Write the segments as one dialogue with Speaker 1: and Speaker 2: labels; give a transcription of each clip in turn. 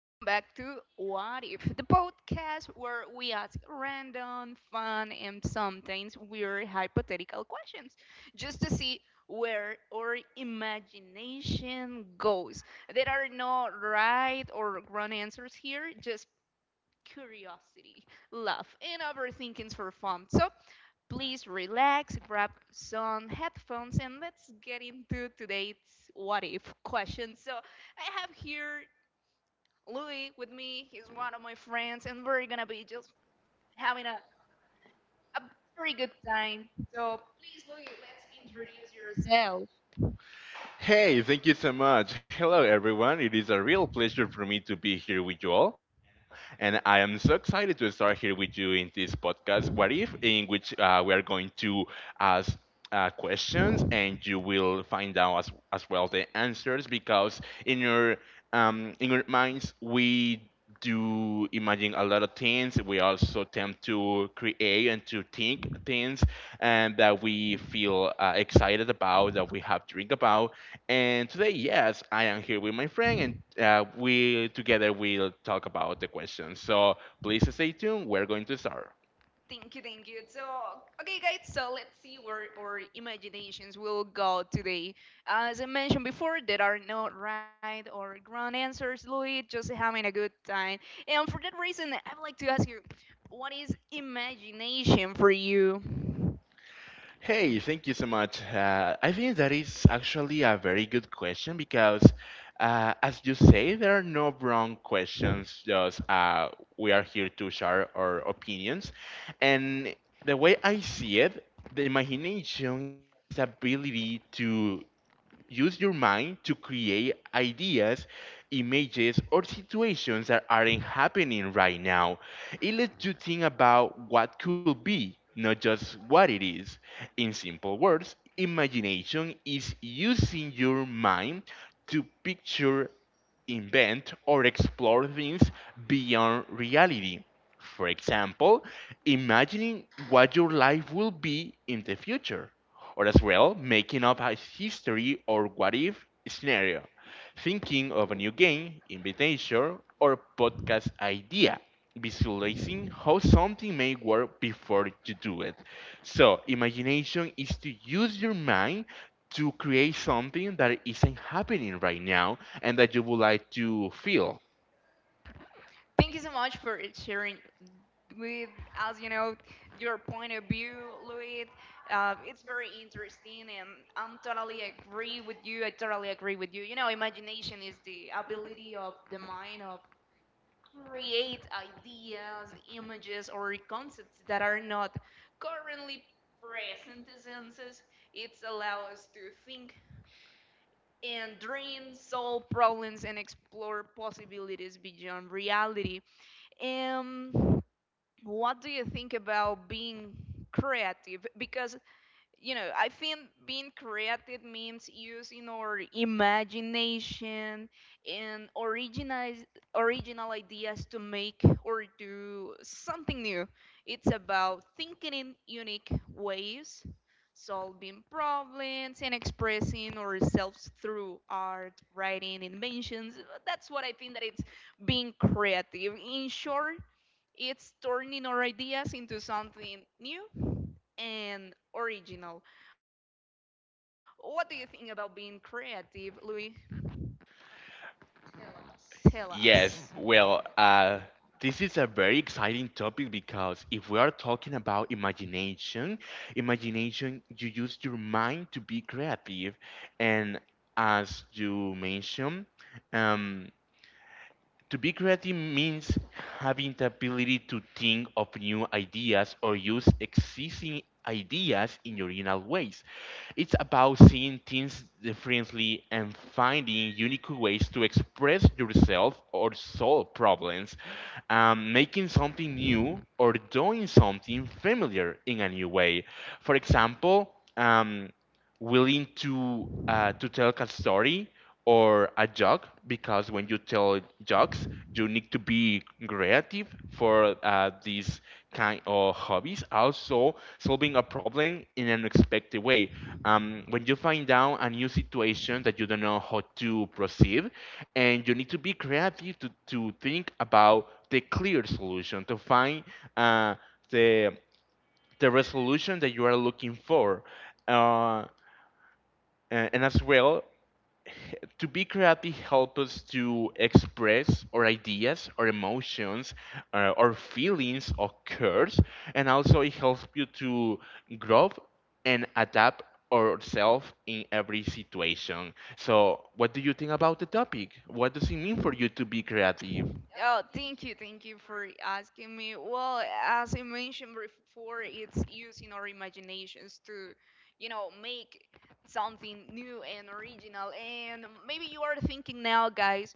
Speaker 1: Welcome back to What If, the podcast where we ask random, fun, and sometimes weird hypothetical questions just to see where our imagination goes. There are no right or wrong answers here, just curiosity, love, and overthinkings for fun. So please relax, grab some headphones, and let's get into today's what if question. So, I have here Louis with me. He's one of my friends, and we're gonna be just having a very good time. So, please, Louis, let's introduce yourself.
Speaker 2: Hey, thank you so much. Hello, everyone. It is a real pleasure for me to be here with you all. And I am so excited to start here with you in this podcast, What If, in which we are going to ask questions and you will find out as well the answers because in your minds we do imagine a lot of things. We also tend to create and to think things and that we feel excited about, that we have dreamed about. And today, yes, I am here with my friend, and we together will talk about the question. So please stay tuned. We're going to start.
Speaker 1: Thank you, thank you. So, okay, guys, so let's see where our imaginations will go today. As I mentioned before, there are no right or wrong answers, Louis, just having a good time. And for that reason, I would like to ask you, what is imagination for you?
Speaker 2: Hey, thank you so much. I think that is actually a very good question because, as you say, there are no wrong questions. Just We are here to share our opinions, and the way I see it, the imagination is the ability to use your mind to create ideas, images, or situations that aren't happening right now. It lets you think about what could be, not just what it is. In simple words, imagination is using your mind to picture, invent, or explore things beyond reality. For example, imagining what your life will be in the future, or as well, making up a history or what if scenario, thinking of a new game, invitation, or podcast idea, visualizing how something may work before you do it. So, imagination is to use your mind to create something that isn't happening right now and that you would like to feel.
Speaker 1: Thank you so much for sharing with us, your point of view, Louis. It's very interesting, and I'm totally agree with you. I totally agree with you. You know, imagination is the ability of the mind of create ideas, images, or concepts that are not currently present to senses. It's allow us to think and dream, solve problems, and explore possibilities beyond reality. Um, what do you think about being creative? Because I think being creative means using our imagination and original ideas to make or do something new. It's about thinking in unique ways, solving problems, and expressing ourselves through art, writing, inventions. That's what I think that it's being creative. In short, it's turning our ideas into something new and original. What do you think about being creative, Louis? Tell us.
Speaker 2: Yes, well, this is a very exciting topic because if we are talking about imagination, imagination, you use your mind to be creative. And as you mentioned, um, to be creative means having the ability to think of new ideas or use existing ideas in original ways. It's about seeing things differently and finding unique ways to express yourself or solve problems, making something new or doing something familiar in a new way. For example, willing to tell a story or a joke, because when you tell jokes, you need to be creative for these kind of hobbies. Also, solving a problem in an unexpected way, when you find out a new situation that you don't know how to proceed, and you need to be creative to, think about the clear solution, to find uh, the, the resolution that you are looking for. Uh, and as well, to be creative helps us to express our ideas, our emotions, our feelings, our curves, and also it helps you to grow and adapt ourselves in every situation. So, what do you think about the topic? What does it mean for you to be creative?
Speaker 1: Oh, thank you for asking me. Well, as I mentioned before, it's using our imaginations to, you know, make something new and original. And maybe you are thinking now, guys,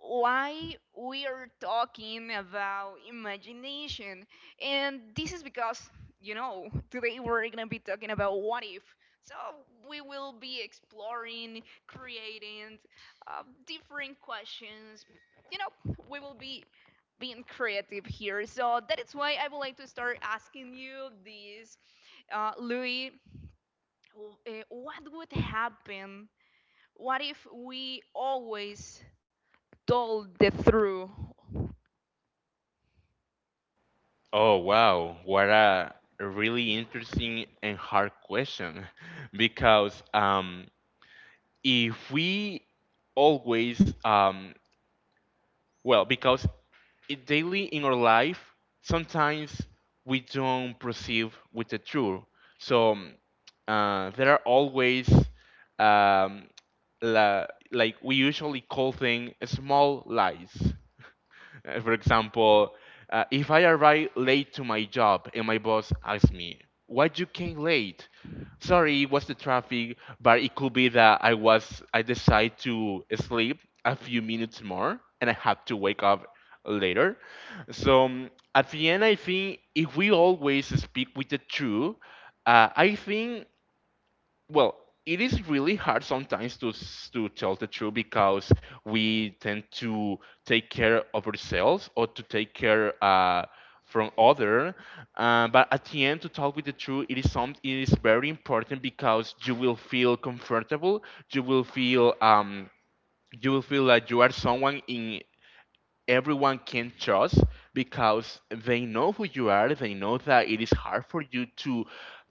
Speaker 1: why we are talking about imagination. And this is because, you know, today we're gonna be talking about what if. So we will be exploring, creating different questions. You know, we will be being creative here. So that is why I would like to start asking you this, Louis. What would happen? What if we always told the truth?
Speaker 2: Oh, wow. What a really interesting and hard question. Because if we always Well, because I- daily in our life, sometimes we don't perceive with the truth. So there are always um, la, like we usually call things small lies. For example, if I arrive late to my job and my boss asks me, "Why you came late? Sorry, it was the traffic," but it could be that I decide to sleep a few minutes more and I have to wake up later. So at the end, I think if we always speak with the truth, I think, well, it is really hard sometimes to tell the truth because we tend to take care of ourselves or to take care from other. But at the end, to talk with the truth, it is very important because you will feel comfortable. You will feel um you will feel like you are someone in everyone can trust because they know who you are. They know that it is hard for you to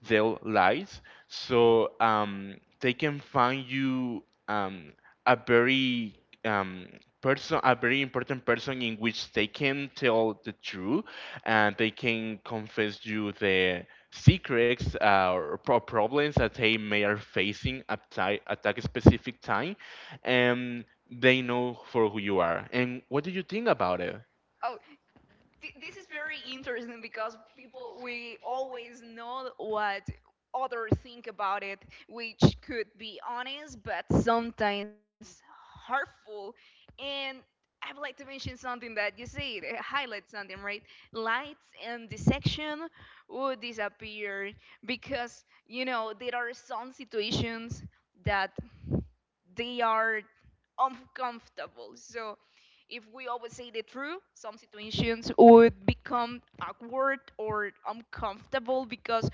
Speaker 2: tell lies, so they can find you a very um, person, a very important person in which they can tell the truth and they can confess you the secrets or problems that they may are facing at, at that specific time, and they know for who you are. And what do you think about it?
Speaker 1: Oh, this is very interesting, because people we always know what others think about it, which could be honest but sometimes hurtful. And I would like to mention something that you said, highlight something, right? Lights and the section would disappear, because you know there are some situations that they are uncomfortable. So if we always say the truth, some situations would become awkward or uncomfortable, because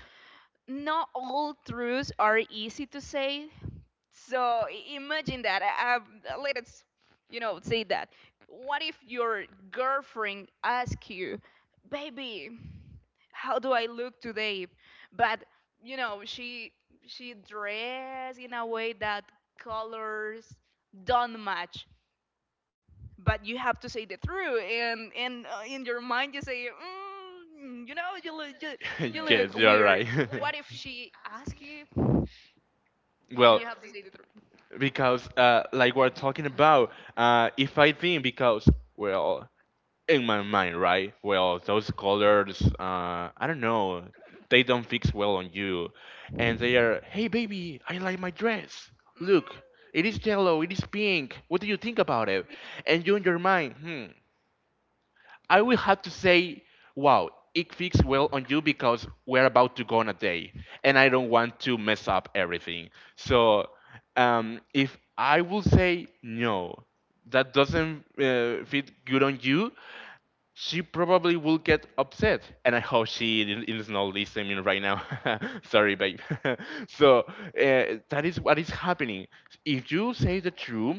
Speaker 1: not all truths are easy to say. So imagine that. Let us, you know, say that. What if your girlfriend asks you, "Baby, how do I look today?" But you know, she dressed in a way that colors don't match. But you have to say the truth, and in your mind you say, you know, you look you, you look
Speaker 2: Yes, you're
Speaker 1: weird.
Speaker 2: right.
Speaker 1: What if she asks you, and
Speaker 2: Well,
Speaker 1: you have to say the truth?
Speaker 2: because like we're talking about, if I think because, well, in my mind, right, well, those colors, I don't know, they don't fix well on you, and they are, hey baby, I like my dress, look, it
Speaker 1: Mm.
Speaker 2: is yellow, it is pink, what do you think about it? And you in your mind, hmm, I will have to say, wow, it fits well on you, because we're about to go on a day and I don't want to mess up everything. So if I will say no, that doesn't fit good on you, she probably will get upset. And I hope she is not listening right now. Sorry, babe. So that is what is happening. If you say the truth,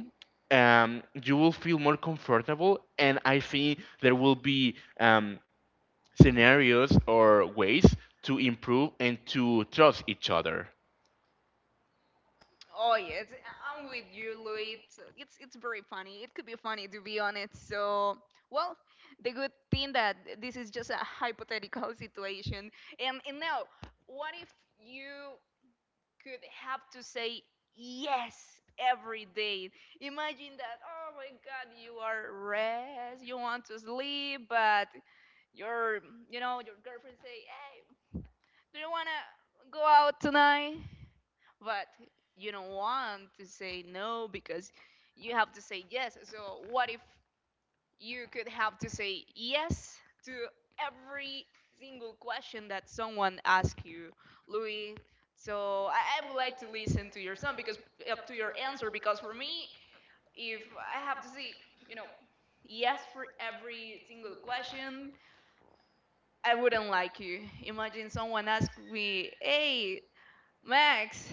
Speaker 2: you will feel more comfortable, and I think there will be scenarios or ways to improve and to trust each other.
Speaker 1: Oh yeah, I'm with you, Louis. It's very funny. It could be funny to be honest. So, well, the good thing that this is just a hypothetical situation. And now, what if you could have to say yes every day? Imagine that. Oh my God, you are rest. You want to sleep, but your you know your girlfriend say, "Hey, do you wanna go out tonight?" But you don't want to say no because you have to say yes. So what if you could have to say yes to every single question that someone asks you, Louis? So I would like to listen to your son because up to your answer, because for me, if I have to say you know yes for every single question, I wouldn't like you. Imagine someone asked me, "Hey, Max,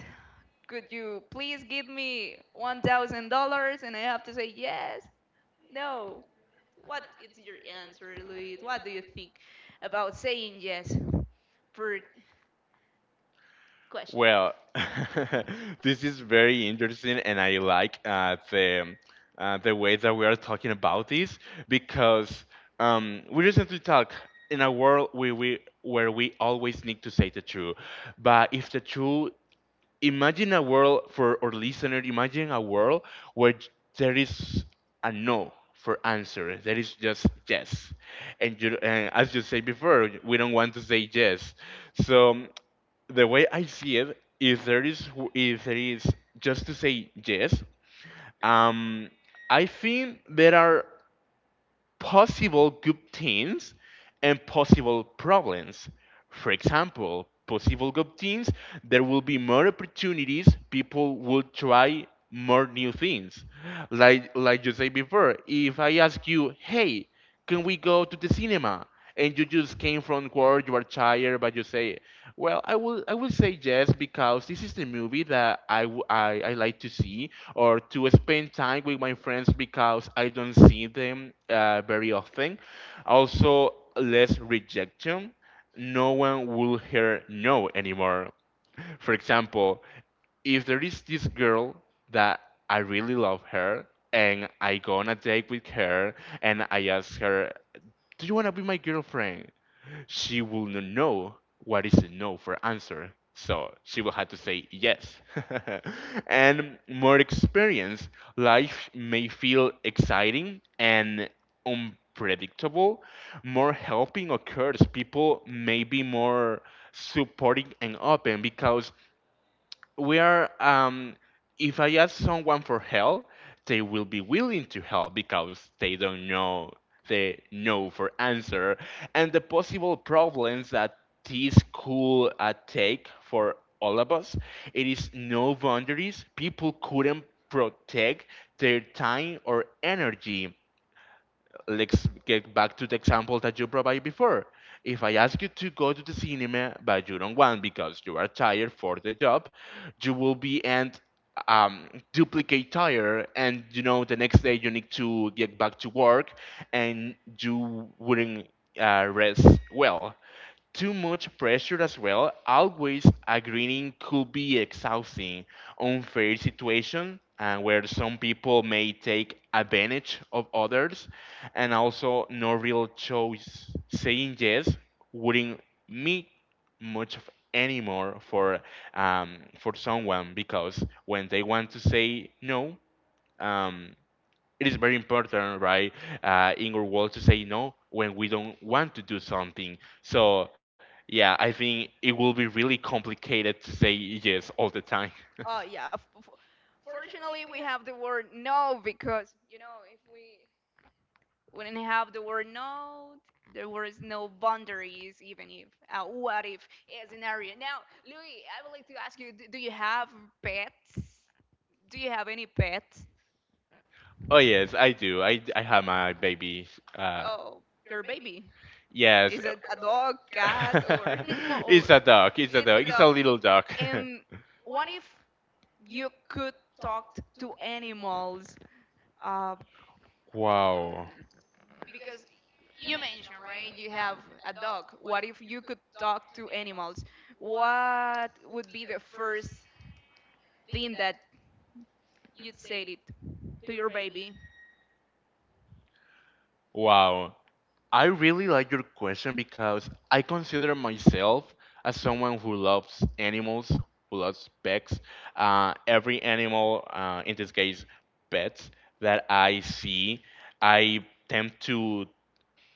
Speaker 1: could you please give me $1,000?" And I have to say, yes, no. What is your answer, Luis? What do you think about saying yes for questions?
Speaker 2: Well, this is very interesting, and I like the way that we are talking about this because we recently talk in a world we where we always need to say the truth. But if the truth, imagine a world, for our listener, imagine a world where there is a no for answer, there is just yes. and you and, as you said before, we don't want to say yes. So the way I see it, if there is if there is just to say yes, um I think there are possible good things and possible problems. For example, possible good things, there will be more opportunities, people will try more new things. Like you said before, if I ask you, hey, can we go to the cinema? And you just came from work, you are tired, but you say, well, I will say yes because this is the movie that I like to see, or to spend time with my friends because I don't see them very often. Also, less rejection. No one will hear no anymore. For example, if there is this girl that I really love her and I go on a date with her and I ask her, do you want to be my girlfriend? She will not know what is a no for answer. So she will have to say yes. And more experience, life may feel exciting and unpredictable. More helping occurs. People may be more supporting and open, because we are, if I ask someone for help, they will be willing to help because they don't know the no for answer. And the possible problems that this could take for all of us, it is no boundaries, people couldn't protect their time or energy. Let's get back to the example that you provided before. If I ask you to go to the cinema, but you don't want because you are tired for the job, you will be and um, duplicate tired, and you know the next day you need to get back to work, and you wouldn't rest well. Too much pressure as well, always agreeing could be exhausting, unfair situation, and where some people may take advantage of others, and also no real choice. Saying yes wouldn't mean much of anymore for someone, because when they want to say no, um, it is very important, right, in our world to say no when we don't want to do something. So, yeah, I think it will be really complicated to say yes all the time.
Speaker 1: Oh, yeah. Fortunately, we have the word no, because, you know, if we wouldn't have the word no, there was no boundaries, even if what if is an. Now, Louis, I would like to ask you, do you have pets? Do you have any pets?
Speaker 2: Oh, yes, I do. I have my baby. Uh,
Speaker 1: Oh, your baby.
Speaker 2: yes.
Speaker 1: Is it a dog, cat, or
Speaker 2: It's
Speaker 1: or
Speaker 2: a dog. It's a
Speaker 1: it's
Speaker 2: dog.
Speaker 1: a
Speaker 2: It's a
Speaker 1: dog?
Speaker 2: little dog.
Speaker 1: And what if you could talk to animals? Uh,
Speaker 2: Wow.
Speaker 1: because you mentioned, right, you have a dog. What if you could talk to animals? What would be the first thing that you'd say it to your baby?
Speaker 2: Wow. I really like your question because I consider myself as someone who loves animals, who loves pets. Every animal, in this case, pets that I see, I tend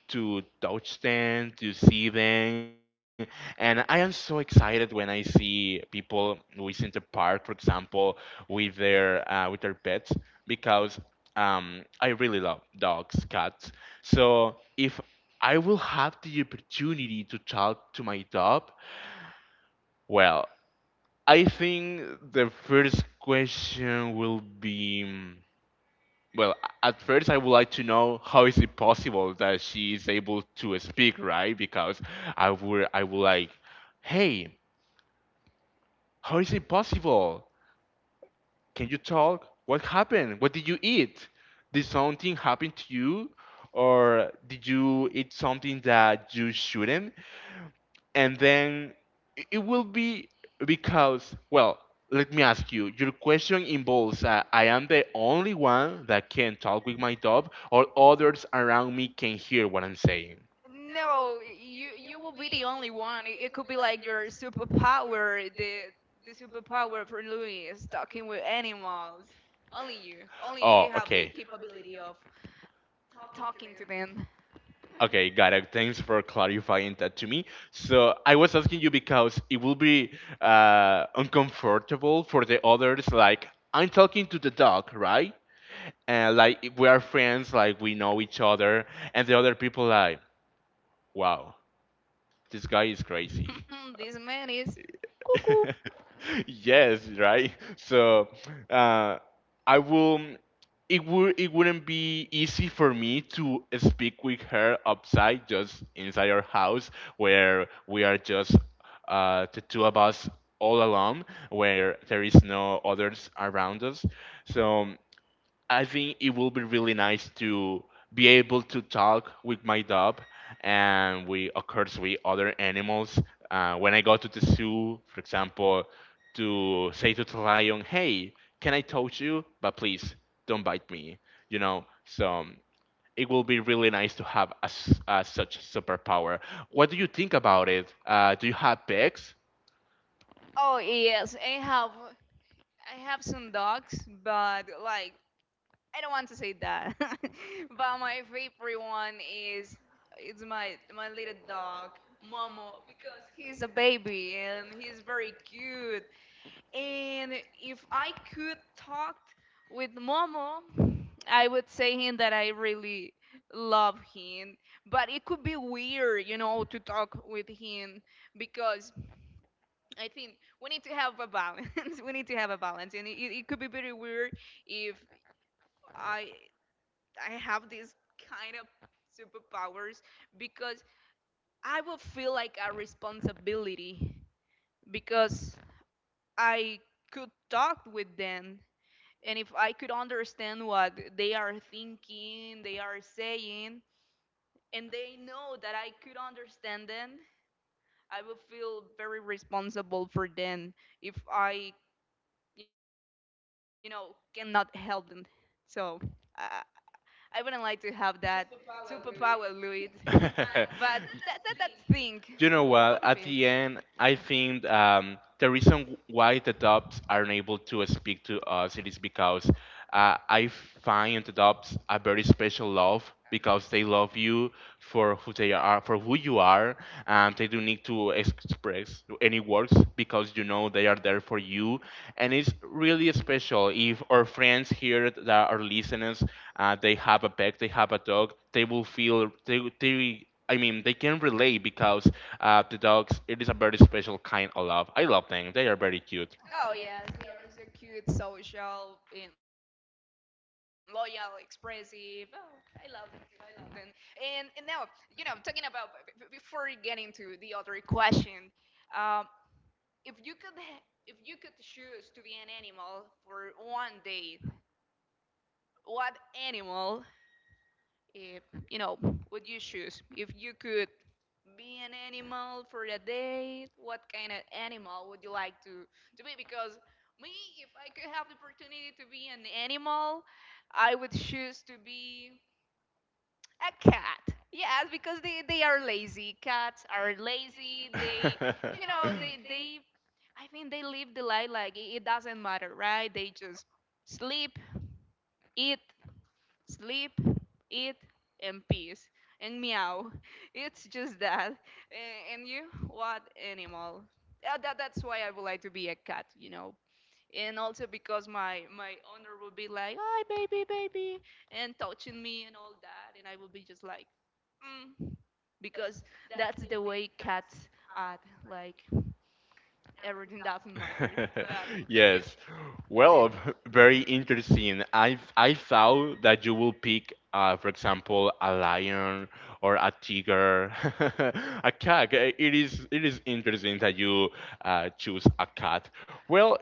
Speaker 2: to touch them, to see them. And I am so excited when I see people who is in the park, for example, with their pets, because I really love dogs, cats. So if I will have the opportunity to talk to my dog, well, I think the first question will be, well, at first, I would like to know how is it possible that she is able to speak, right? Because I would like, hey, how is it possible? Can you talk? What happened? What did you eat? Did something happen to you, or did you eat something that you shouldn't? And then it will be because, well, let me ask you, your question involves, I am the only one that can talk with my dog, or others around me can hear what I'm saying?
Speaker 1: No, you will be the only one. It could be like your superpower. The superpower for Louis is talking with animals. Only you, only you
Speaker 2: Oh,
Speaker 1: have the
Speaker 2: okay.
Speaker 1: capability of talking to them.
Speaker 2: Okay, got it. Thanks for clarifying that to me. So I was asking you because it will be uncomfortable for the others. Like I'm talking to the dog, right? And like if we are friends, like we know each other, and the other people like, wow, this guy is crazy.
Speaker 1: This man is.
Speaker 2: Yes, right. So, uh, I will it would it wouldn't be easy for me to speak with her outside, just inside our house where we are just, the two of us all alone, where there is no others around us. So I think it will be really nice to be able to talk with my dog and, we of course, with other animals. When I go to the zoo, for example, to say to the lion, "Hey, can I touch you? But please don't bite me." You know, so, it will be really nice to have a such superpower. What do you think about it? Do you have pets?
Speaker 1: Oh yes, I have some dogs, but like I don't want to say that. But my favorite one is it's my little dog Momo, because he's a baby and he's very cute. And if I could talk with Momo, I would say him that I really love him. But it could be weird, you know, to talk with him, because I think we need to have a balance. We need to have a balance, and it could be very weird if I I have this kind of superpowers, because I will feel like a responsibility, because I could talk with them, and if I could understand what they are thinking, they are saying, and they know that I could understand them, I would feel very responsible for them if I, you know, cannot help them. So uh, I wouldn't like to have that superpower, Luis. But that, that that thing.
Speaker 2: You know
Speaker 1: What if? You?
Speaker 2: what? At the end, I think, the reason why the dubs aren't able to speak to us, it is because, I find the dubs a very special love, because they love you for who they are, for who you are, and they don't need to express any words because you know they are there for you, and it's really special if our friends here that are listeners, they have a pet, they have a dog, they will feel, they I mean they can relate, because, the dogs, it is a very special kind of love. I love them, they are very cute.
Speaker 1: Oh yes, we are so cute, social, and loyal, expressive. Oh, I love them. I love them. And now, you know, talking about before we get into the other question, um, if if you could choose to be an animal for one day, what animal if, you know, would you choose if you could be an animal for a day? What kind of animal would you like to be? Because me, if I could have the opportunity to be an animal, I would choose to be a cat. Yes, because they are lazy. Cats are lazy. They. I think they live the life like it doesn't matter, right? They just sleep, eat, sleep, eat, and peace, and meow. It's just that. A- and you, what animal? That, that's why I would like to be a cat, you know. And also because my owner would be like, "Hi, baby, baby," and touching me and all that, and I would be just like, mm, because that's the way cats act. Like everything doesn't matter. But but you,
Speaker 2: Yes.
Speaker 1: what do you
Speaker 2: Well,
Speaker 1: think?
Speaker 2: very interesting. I thought that you will pick, for example, a lion or a tiger, a cat. It is interesting that you, choose a cat. Well,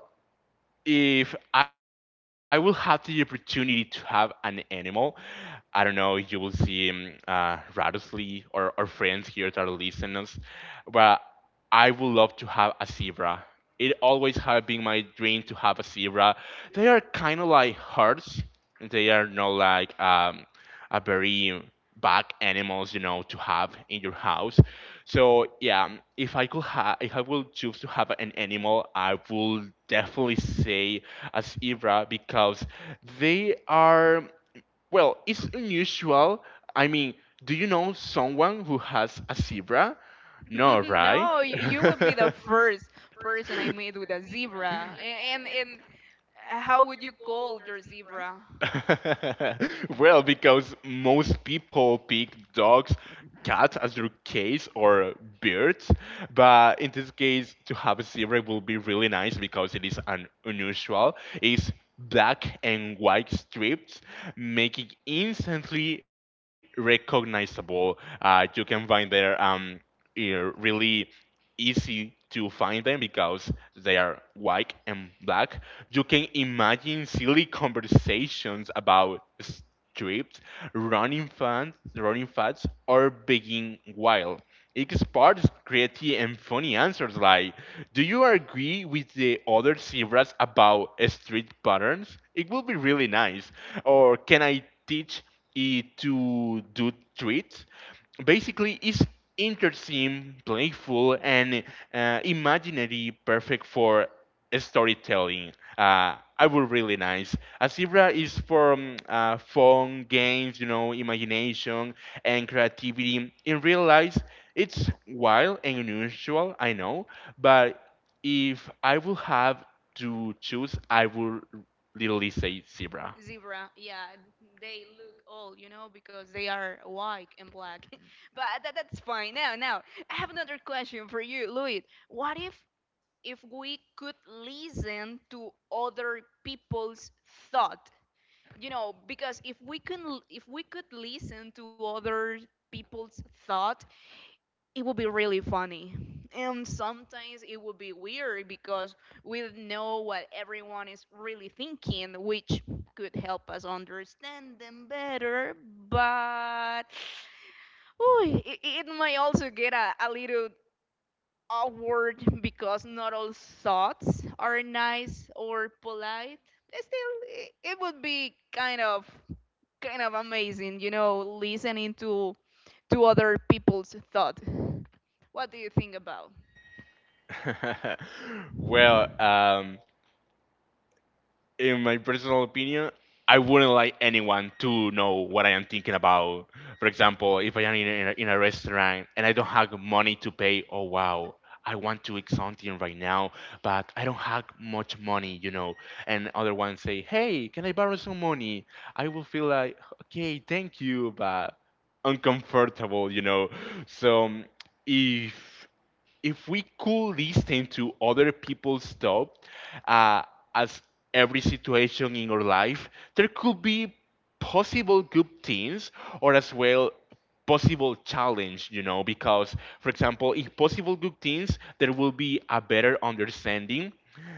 Speaker 2: if I will have the opportunity to have an animal, I don't know, you will see, Radosley or our friends here that are listening, but I would love to have a zebra. It always has been my dream to have a zebra. They are kind of like herds. They are not like, a very bad animals, you know, to have in your house. So, yeah, if I will choose to have an animal, I would definitely say a zebra because they are, well, it's unusual. I mean, do you know someone who has a zebra? No, right?
Speaker 1: No, you would be the first person I meet with a zebra. And how would you call your zebra?
Speaker 2: Well, because most people pick dogs, cats as their case, or birds, but in this case, to have a zebra will be really nice because it is an unusual. It's black and white strips, making instantly recognizable. You can find their, eh, really easy to find them because they are white and black. You can imagine silly conversations about strips, running fans, running fads, or being wild. It sparks creative and funny answers like, "Do you agree with the other zebras about street patterns?" It would be really nice. Or, can I teach it to do tweets? Basically, it's interesting, playful, and, imaginary, perfect for storytelling. I would really nice. Azebra is for, fun games, you know, imagination and creativity. In real life, it's wild and unusual, I know, but if I would have to choose, I would literally say zebra.
Speaker 1: Zebra, yeah, they look old, you know, because they are white and black. But that, that's fine. Now, now, I have another question for you, Louis. What if we could listen to other people's thought? You know, because if we can, if we could listen to other people's thought, it would be really funny. And sometimes it would be weird, because we don't know what everyone is really thinking, which could help us understand them better. But ooh, it might also get a little awkward, because not all thoughts are nice or polite. Still, it would be kind of amazing, you know, listening to other people's thought. What do you think about?
Speaker 2: Well, in my personal opinion, I wouldn't like anyone to know what I am thinking about. For example, if I am in a restaurant and I don't have money to pay, oh, wow, I want to eat something right now, but I don't have much money, you know. And other ones say, hey, can I borrow some money? I will feel like, okay, thank you, but uncomfortable, you know. So, if if we could listen to other people's thought, uh, as every situation in our life, there could be possible good things or as well possible challenge, you know. Because for example, if possible good things, there will be a better understanding.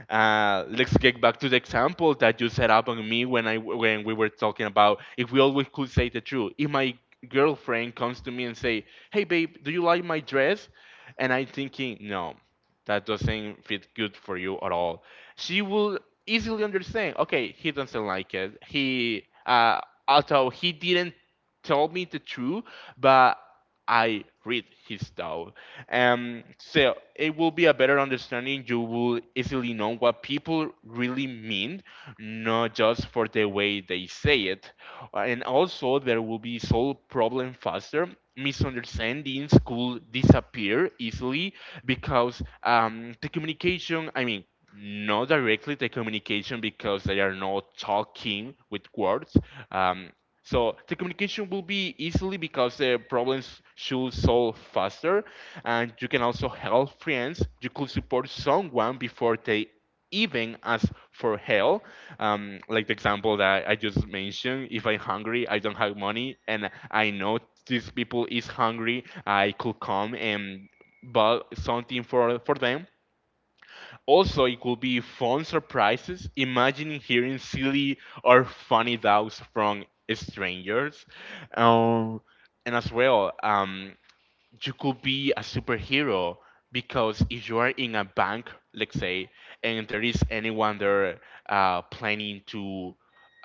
Speaker 2: Let's get back to the example that you set up on me when I when we were talking about if we always could say the truth. If my girlfriend comes to me and say, "Hey, babe, do you like my dress?" And I'm thinking, no, that doesn't fit good for you at all. She will easily understand. Okay, he doesn't like it. Although he didn't tell me the truth, but I read his thought. So it will be a better understanding. You will easily know what people really mean, not just for the way they say it, and also there will be solved problem faster. Misunderstandings could disappear easily, because, the communication, I mean not directly the communication because they are not talking with words, um, so the communication will be easily because the problems should solve faster. And you can also help friends, you could support someone before they even ask for help. Like the example that I just mentioned, if I'm hungry, I don't have money, and I know these people is hungry, I could come and buy something for them. Also, it could be fun surprises. Imagine hearing silly or funny doubts from strangers. Um, and as well, you could be a superhero because if you are in a bank, let's say, and there is anyone there, planning to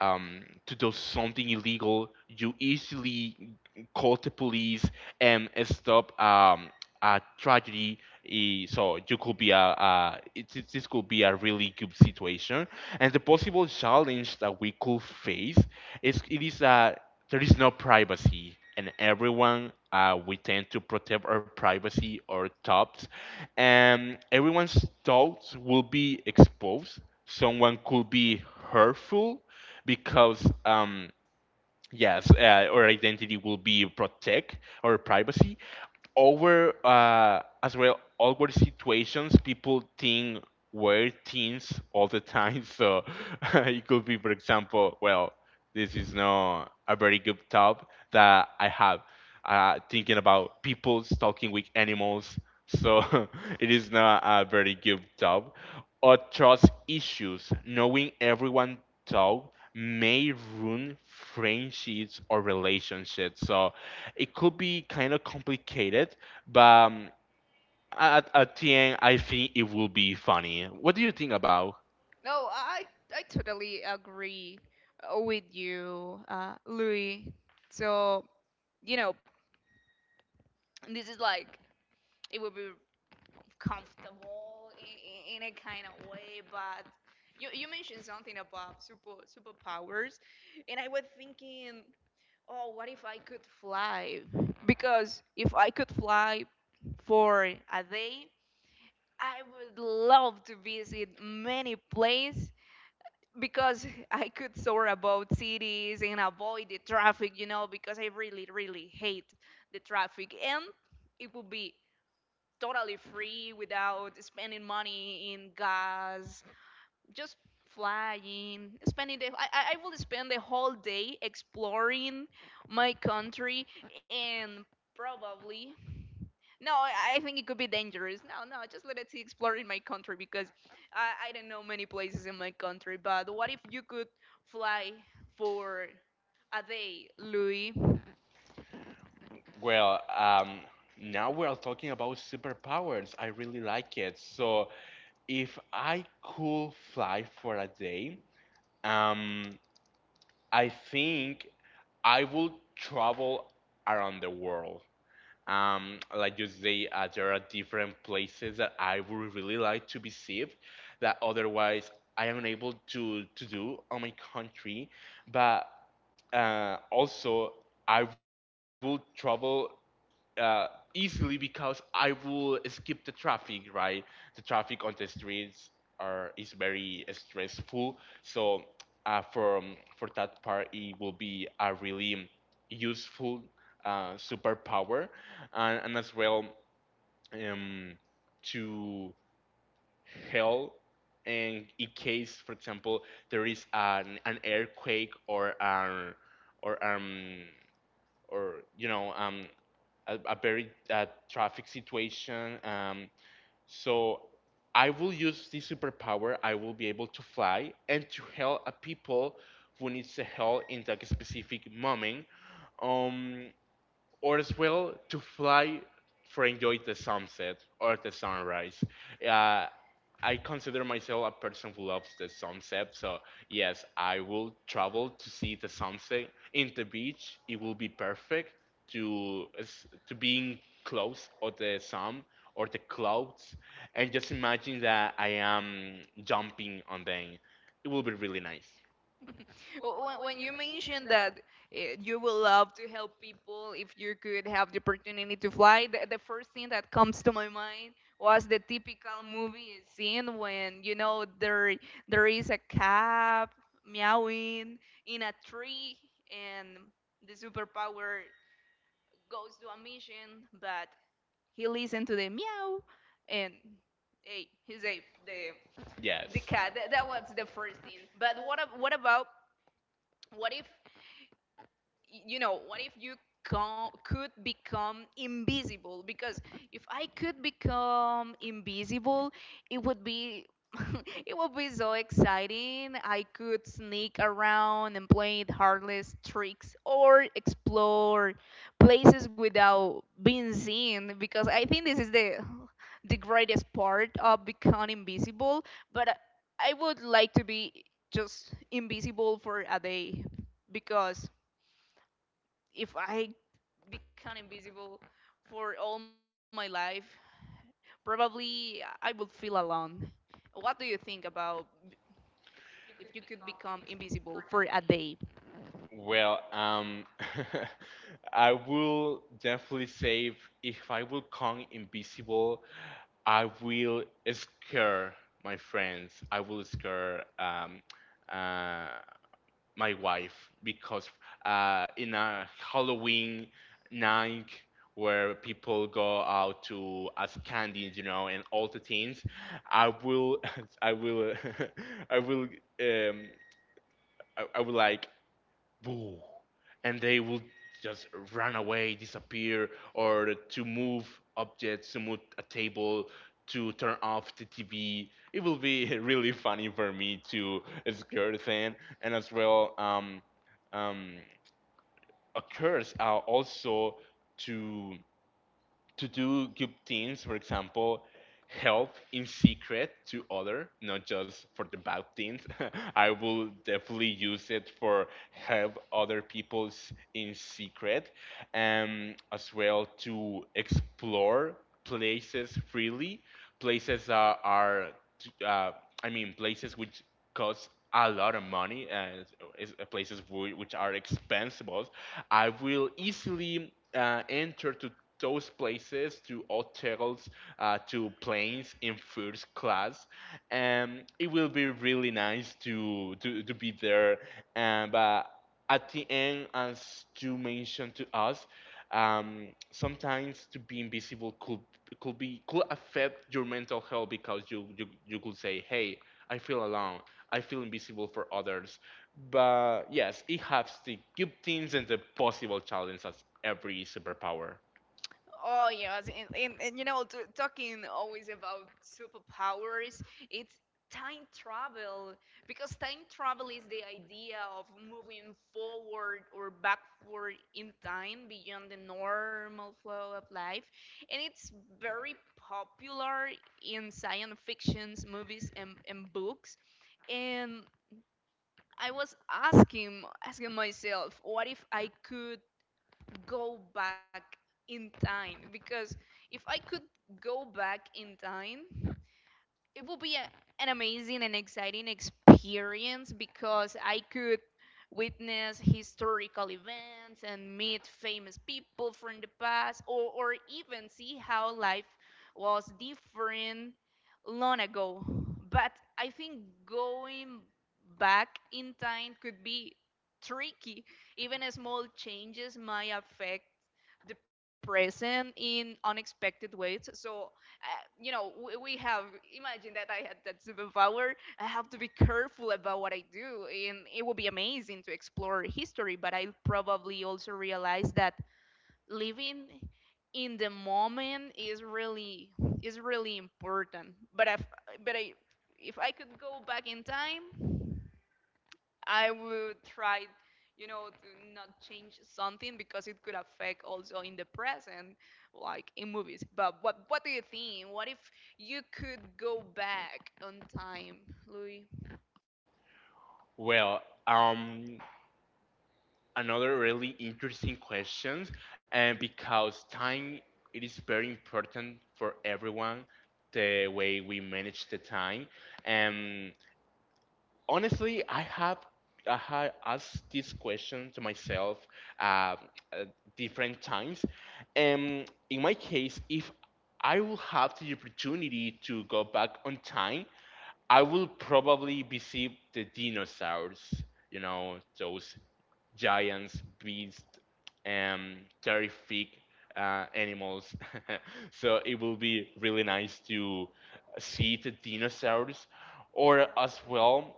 Speaker 2: um, to do something illegal, you easily call the police and stop, a tragedy. So you could be this could be a really good situation. And the possible challenge that we could face, it is, there is no privacy, and everyone, we tend to protect our privacy or thoughts, and everyone's thoughts will be exposed. Someone could be hurtful because, yes, our identity will be protect our privacy, over, as well awkward situations. People think we're teens all the time, so it could be, for example, well, this is not a very good top that I have, thinking about people stalking with animals, so it is not a very good top, or trust issues, knowing everyone talk may ruin friendships or relationships, so it could be kind of complicated. But, at the end, I think it will be funny. What do you think about?
Speaker 1: No, I totally agree with you, Louis. So you know, this is like it would be comfortable in a kind of way, but you mentioned something about superpowers, and I was thinking, oh, what if I could fly, because if I could fly for a day I would love to visit many places, because I could soar about cities and avoid the traffic, you know, because I really really hate the traffic, and it would be totally free without spending money in gas, just flying, spending the I will spend the whole day exploring my country, and probably no I think it could be dangerous. No, no, just let us see exploring my country, because I don't know many places in my country. But what if you could fly for a day, Louis?
Speaker 2: Well, now we are talking about superpowers. I really like it. So, if I could fly for a day, um, I think I will travel around the world. Like you say, there are different places that I would really like to visit that otherwise I am unable to do on my country. But, also, I will travel, uh, easily because I will skip the traffic, right? The traffic on the streets are is very stressful. So, from for that part, it will be a really useful, superpower. And as well, um, to help. And in case, for example, there is an earthquake, or um or a very, traffic situation. So I will use this superpower. I will be able to fly and to help a people who needs the help in that specific moment. Um, or as well to fly for enjoy the sunset or the sunrise. Uh, I consider myself a person who loves the sunset, so yes, I will travel to see the sunset in the beach. It will be perfect to being close of the sun or the clouds, and just imagine that I am jumping on them. It will be really nice.
Speaker 1: When you mentioned that you would love to help people if you could have the opportunity to fly, the first thing that comes to my mind was the typical movie scene when you know there is a cat meowing in a tree and the superpower goes to a mission, but he listened to the meow and hey, he saved the
Speaker 2: Yes.
Speaker 1: the cat. That was the first thing. But what about what if you know what if you can could become invisible? Because if I could become invisible, it would be it would be so exciting. I could sneak around and play heartless tricks or explore places without being seen, because I think this is the greatest part of becoming invisible. But I would like to be just invisible for a day, because if I become invisible for all my life, probably I would feel alone. What do you think about if you could become invisible for a day?
Speaker 2: Well, I will definitely say if I will come invisible, I will scare my friends. I will scare, uh, my wife because, in a Halloween night where people go out to as candies, you know, and all the things, I will, I will, I will, I will like boo, and they will just run away, disappear, or to move objects, to move a table, to turn off the TV. It will be really funny for me to scare them, and as well, um, occurs, also to to do good things, for example, help in secret to other, not just for the bad things. I will definitely use it for help other people's in secret, as well to explore places freely, places that are, uh, I mean, places which cost a lot of money and places which are expensive. I will easily enter to those places, to hotels, to planes in first class, and it will be really nice to be there and but at the end, as you mentioned to us, sometimes to be invisible could affect your mental health, because you could say, hey, I feel alone, I feel invisible for others. But yes, it has the good things and the possible challenges as every superpower.
Speaker 1: Oh yes, and you know, t talking always about superpowers, it's time travel, because time travel is the idea of moving forward or backward in time beyond the normal flow of life, and it's very popular in science fictions, movies, and books. And I was asking myself, what if I could go back in time? Because if I could go back in time, it will be a, an amazing and exciting experience, because I could witness historical events and meet famous people from the past, or even see how life was different long ago. But I think going back in time could be tricky. Even small changes might affect the present in unexpected ways. So uh, you know, we have imagine that I had that superpower, I have to be careful about what I do, and it would be amazing to explore history. But I probably also realize that living in the moment is really important. But but I if I could go back in time, I would try, you know, to not change something, because it could affect also in the present, like in movies. But what do you think? What if you could go back on time, Louis?
Speaker 2: Well, another really interesting question, and because time it is very important for everyone, the way we manage the time. And honestly, I have asked this question to myself uh, uh, different times. And in my case, if I will have the opportunity to go back on time, I will probably visit the dinosaurs, those giants, beasts, and terrific animals. So it will be really nice to see the dinosaurs, or as well,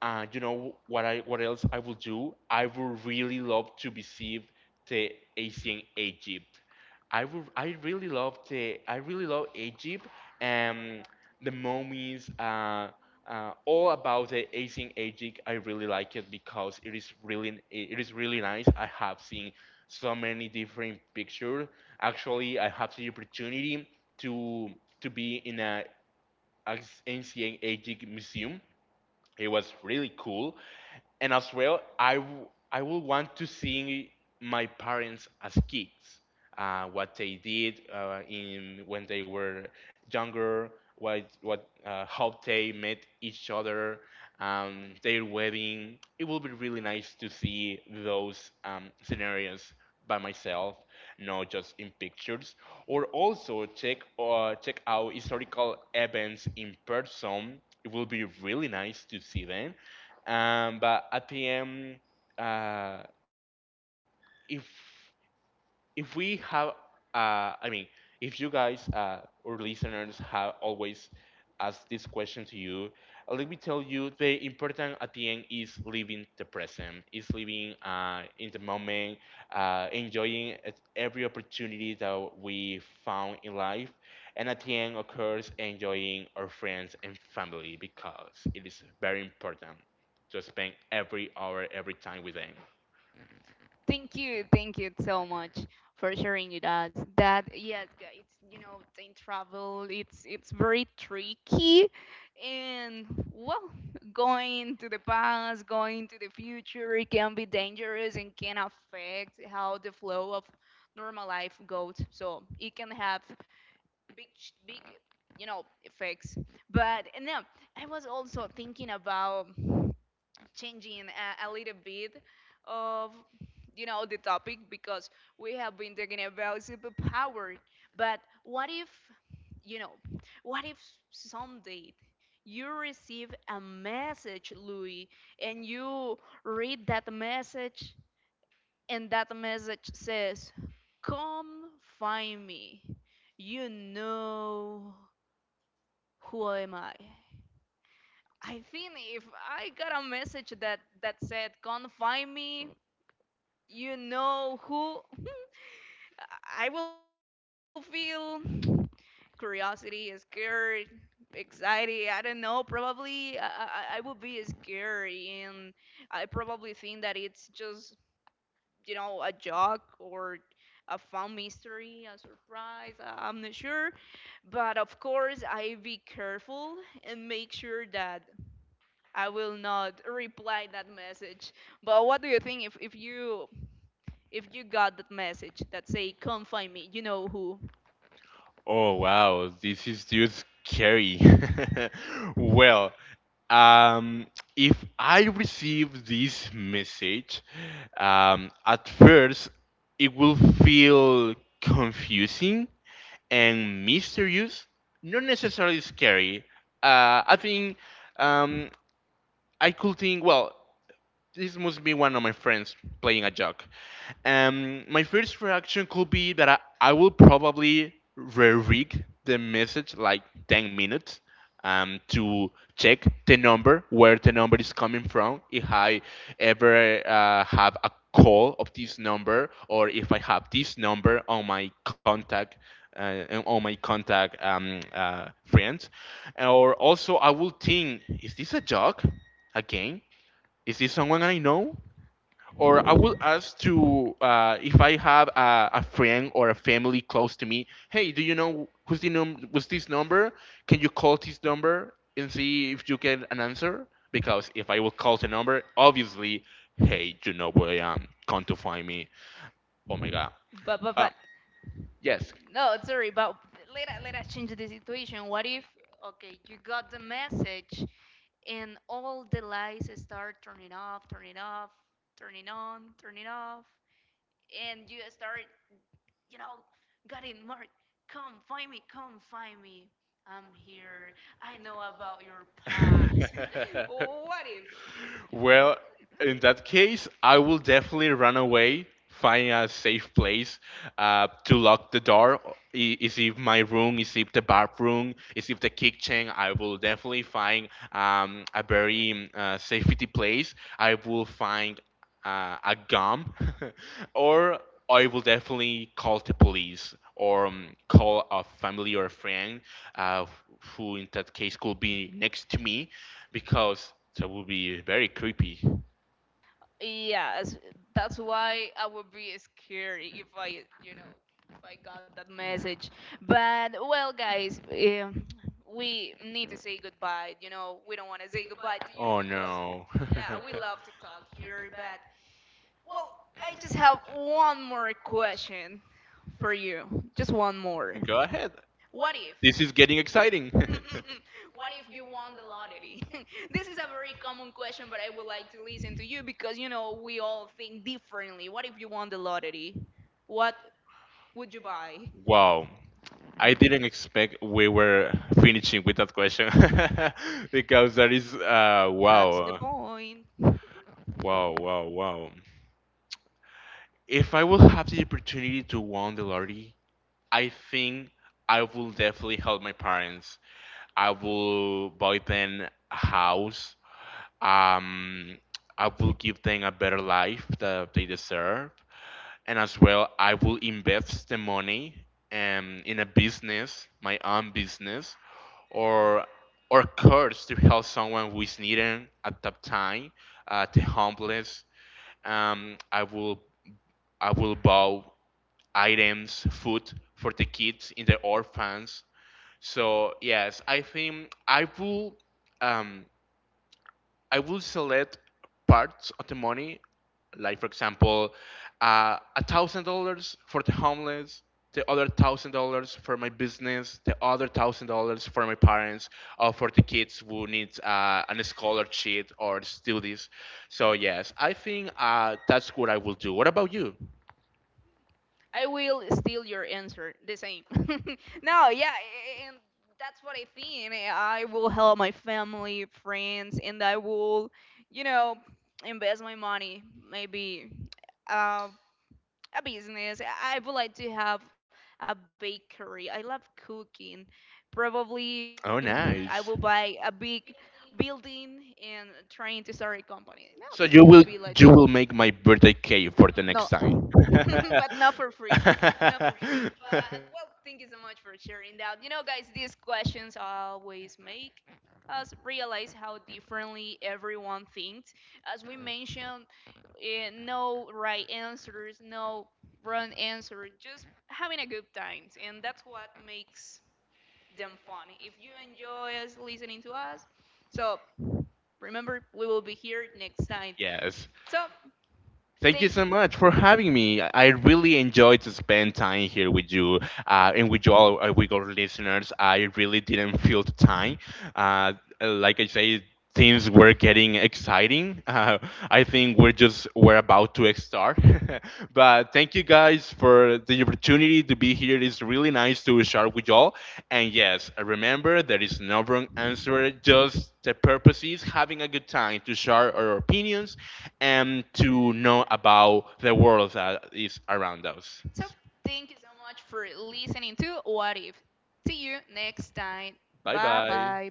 Speaker 2: you know what else I will do? I would really love to visit the ancient Egypt. I really love Egypt and the mummies. All about the ancient Egypt. I really like it because it is really nice. I have seen so many different pictures. Actually, I have the opportunity to to be in a ancient Egypt museum. It was really cool. And as well, I will want to see my parents as kids, what they did, in when they were younger, what how they met each other, their wedding. It will be really nice to see those scenarios by myself, not just in pictures. Or also check check out historical events in person. It will be really nice to see them, but at PM, uh, if if we have I mean if you guys, or listeners, have always asked this question to you, let me tell you, the important at the end is living the present, is living in the moment, enjoying at every opportunity that we found in life. And at the end, of course, enjoying our friends and family, because it is very important to spend every hour, every time with them.
Speaker 1: Thank you so much for sharing with us. That yes, guys, you know, in travel, it's very tricky, and well, going to the past, going to the future, it can be dangerous and can affect how the flow of normal life goes. So it can have big, you know, effects. But and then I was also thinking about changing a little bit of you know the topic, because we have been talking about superpower. But what if you know what if someday you receive a message, Louis, and you read that message and that message says, "Come find me. You know who am I"? I think if I got a message that said, "Come find me, you know who," I will feel curiosity, scared, anxiety. I don't know. Probably I will be scared, and I probably think that it's just you know a joke or a fun mystery, a surprise. I'm not sure, but of course I be careful and make sure that I will not reply that message. But what do you think if if you got that message that say, "Come find me, you know who."
Speaker 2: Oh wow, this is just scary. Well, um, if I receive this message, at first it will feel confusing and mysterious, not necessarily scary. I think, um, I could think, well, this must be one of my friends playing a joke. My first reaction could be that I will probably re-rig the message like 10 minutes, to check the number, where the number is coming from, if I ever have a call of this number, or if I have this number on my contact, uh, friends. Or also, I will think, is this a joke again? Is this someone I know? Or I will ask to if I have a friend or a family close to me. Hey, do you know who's this number? Can you call this number and see if you get an answer? Because if I will call the number, obviously, hey, you know where I am. Come to find me. Oh my god.
Speaker 1: But but
Speaker 2: Um,
Speaker 1: but
Speaker 2: yes.
Speaker 1: no, sorry. But let us change the situation. What if, okay, you got the message, and all the lights start turning off, turning off, turning on, turning off, and you start you know got it, Mark. Come find me. Come find me. I'm here. I know about your past. what if?
Speaker 2: Well, in that case, I will definitely run away, find a safe place, to lock the door. Is if my room, is if the bathroom, is if the kitchen, I will definitely find a very safety place. I will find a gum, or I will definitely call the police, or call a family or a friend, uh, who, in that case, could be next to me, because that would be very creepy.
Speaker 1: Yes, that's why I would be scared if I, you know, if I got that message. But well, guys, um, we need to say goodbye. You know, we don't want to say goodbye to you,
Speaker 2: Oh
Speaker 1: because,
Speaker 2: no.
Speaker 1: yeah, we love to talk here. But well, I just have one more question for you. Just one more.
Speaker 2: Go ahead.
Speaker 1: What if?
Speaker 2: This is getting exciting.
Speaker 1: what if you won the lottery? this is a very common question, but I would like to listen to you, because you know we all think differently. What if you won the lottery? What would you buy?
Speaker 2: Wow. I didn't expect we were finishing with that question, because that is
Speaker 1: That's the
Speaker 2: wow,
Speaker 1: point.
Speaker 2: wow, wow, wow. If I will have the opportunity to win the lottery, I think I will definitely help my parents. I will buy them a house. Um, I will give them a better life that they deserve. And as well, I will invest the money, in a business, my own business, or or course to help someone who is needing at that time, the homeless. Um, I will I will buy items, food for the kids in the orphans. So yes, I think um, I will select parts of the money, like for example, $1,000 for the homeless, the other $1,000 for my business, the other $1,000 for my parents, or for the kids who need an scholarship or studies. So yes, I think, that's what I will do. What about you?
Speaker 1: I will steal your answer. The same. no, yeah, and that's what I think. I will help my family, friends, and I will, you know, invest my money. Maybe uh, a business. I would like to have a bakery. I love cooking. Probably I
Speaker 2: Oh,
Speaker 1: will buy a
Speaker 2: nice.
Speaker 1: big building and trying to start a company. No, it would
Speaker 2: So
Speaker 1: be
Speaker 2: you
Speaker 1: like
Speaker 2: will
Speaker 1: that.
Speaker 2: you will make my birthday cake for the
Speaker 1: No,
Speaker 2: next time.
Speaker 1: but not for free. Not for free. But well, thank you so much for sharing that. You know, guys, these questions always make us realize how differently everyone thinks. As we mentioned, no right answers, no wrong answer, just having a good time. And that's what makes them fun. If you enjoy us listening to us, so remember, we will be here next time.
Speaker 2: Yes.
Speaker 1: So
Speaker 2: Thank you
Speaker 1: thank
Speaker 2: so
Speaker 1: you.
Speaker 2: much for having me. I really enjoyed to spend time here with you, and with you all, with our listeners. I really didn't feel the time. Uh, like I say, things were getting exciting. I think we're about to start. But thank you guys for the opportunity to be here. It's really nice to share with y'all. And yes, remember, there is no wrong answer. Just the purpose is having a good time to share our opinions and to know about the world that is around us.
Speaker 1: So, thank you so much for listening to What If. See you next time.
Speaker 2: Bye
Speaker 1: Bye
Speaker 2: bye.
Speaker 1: bye.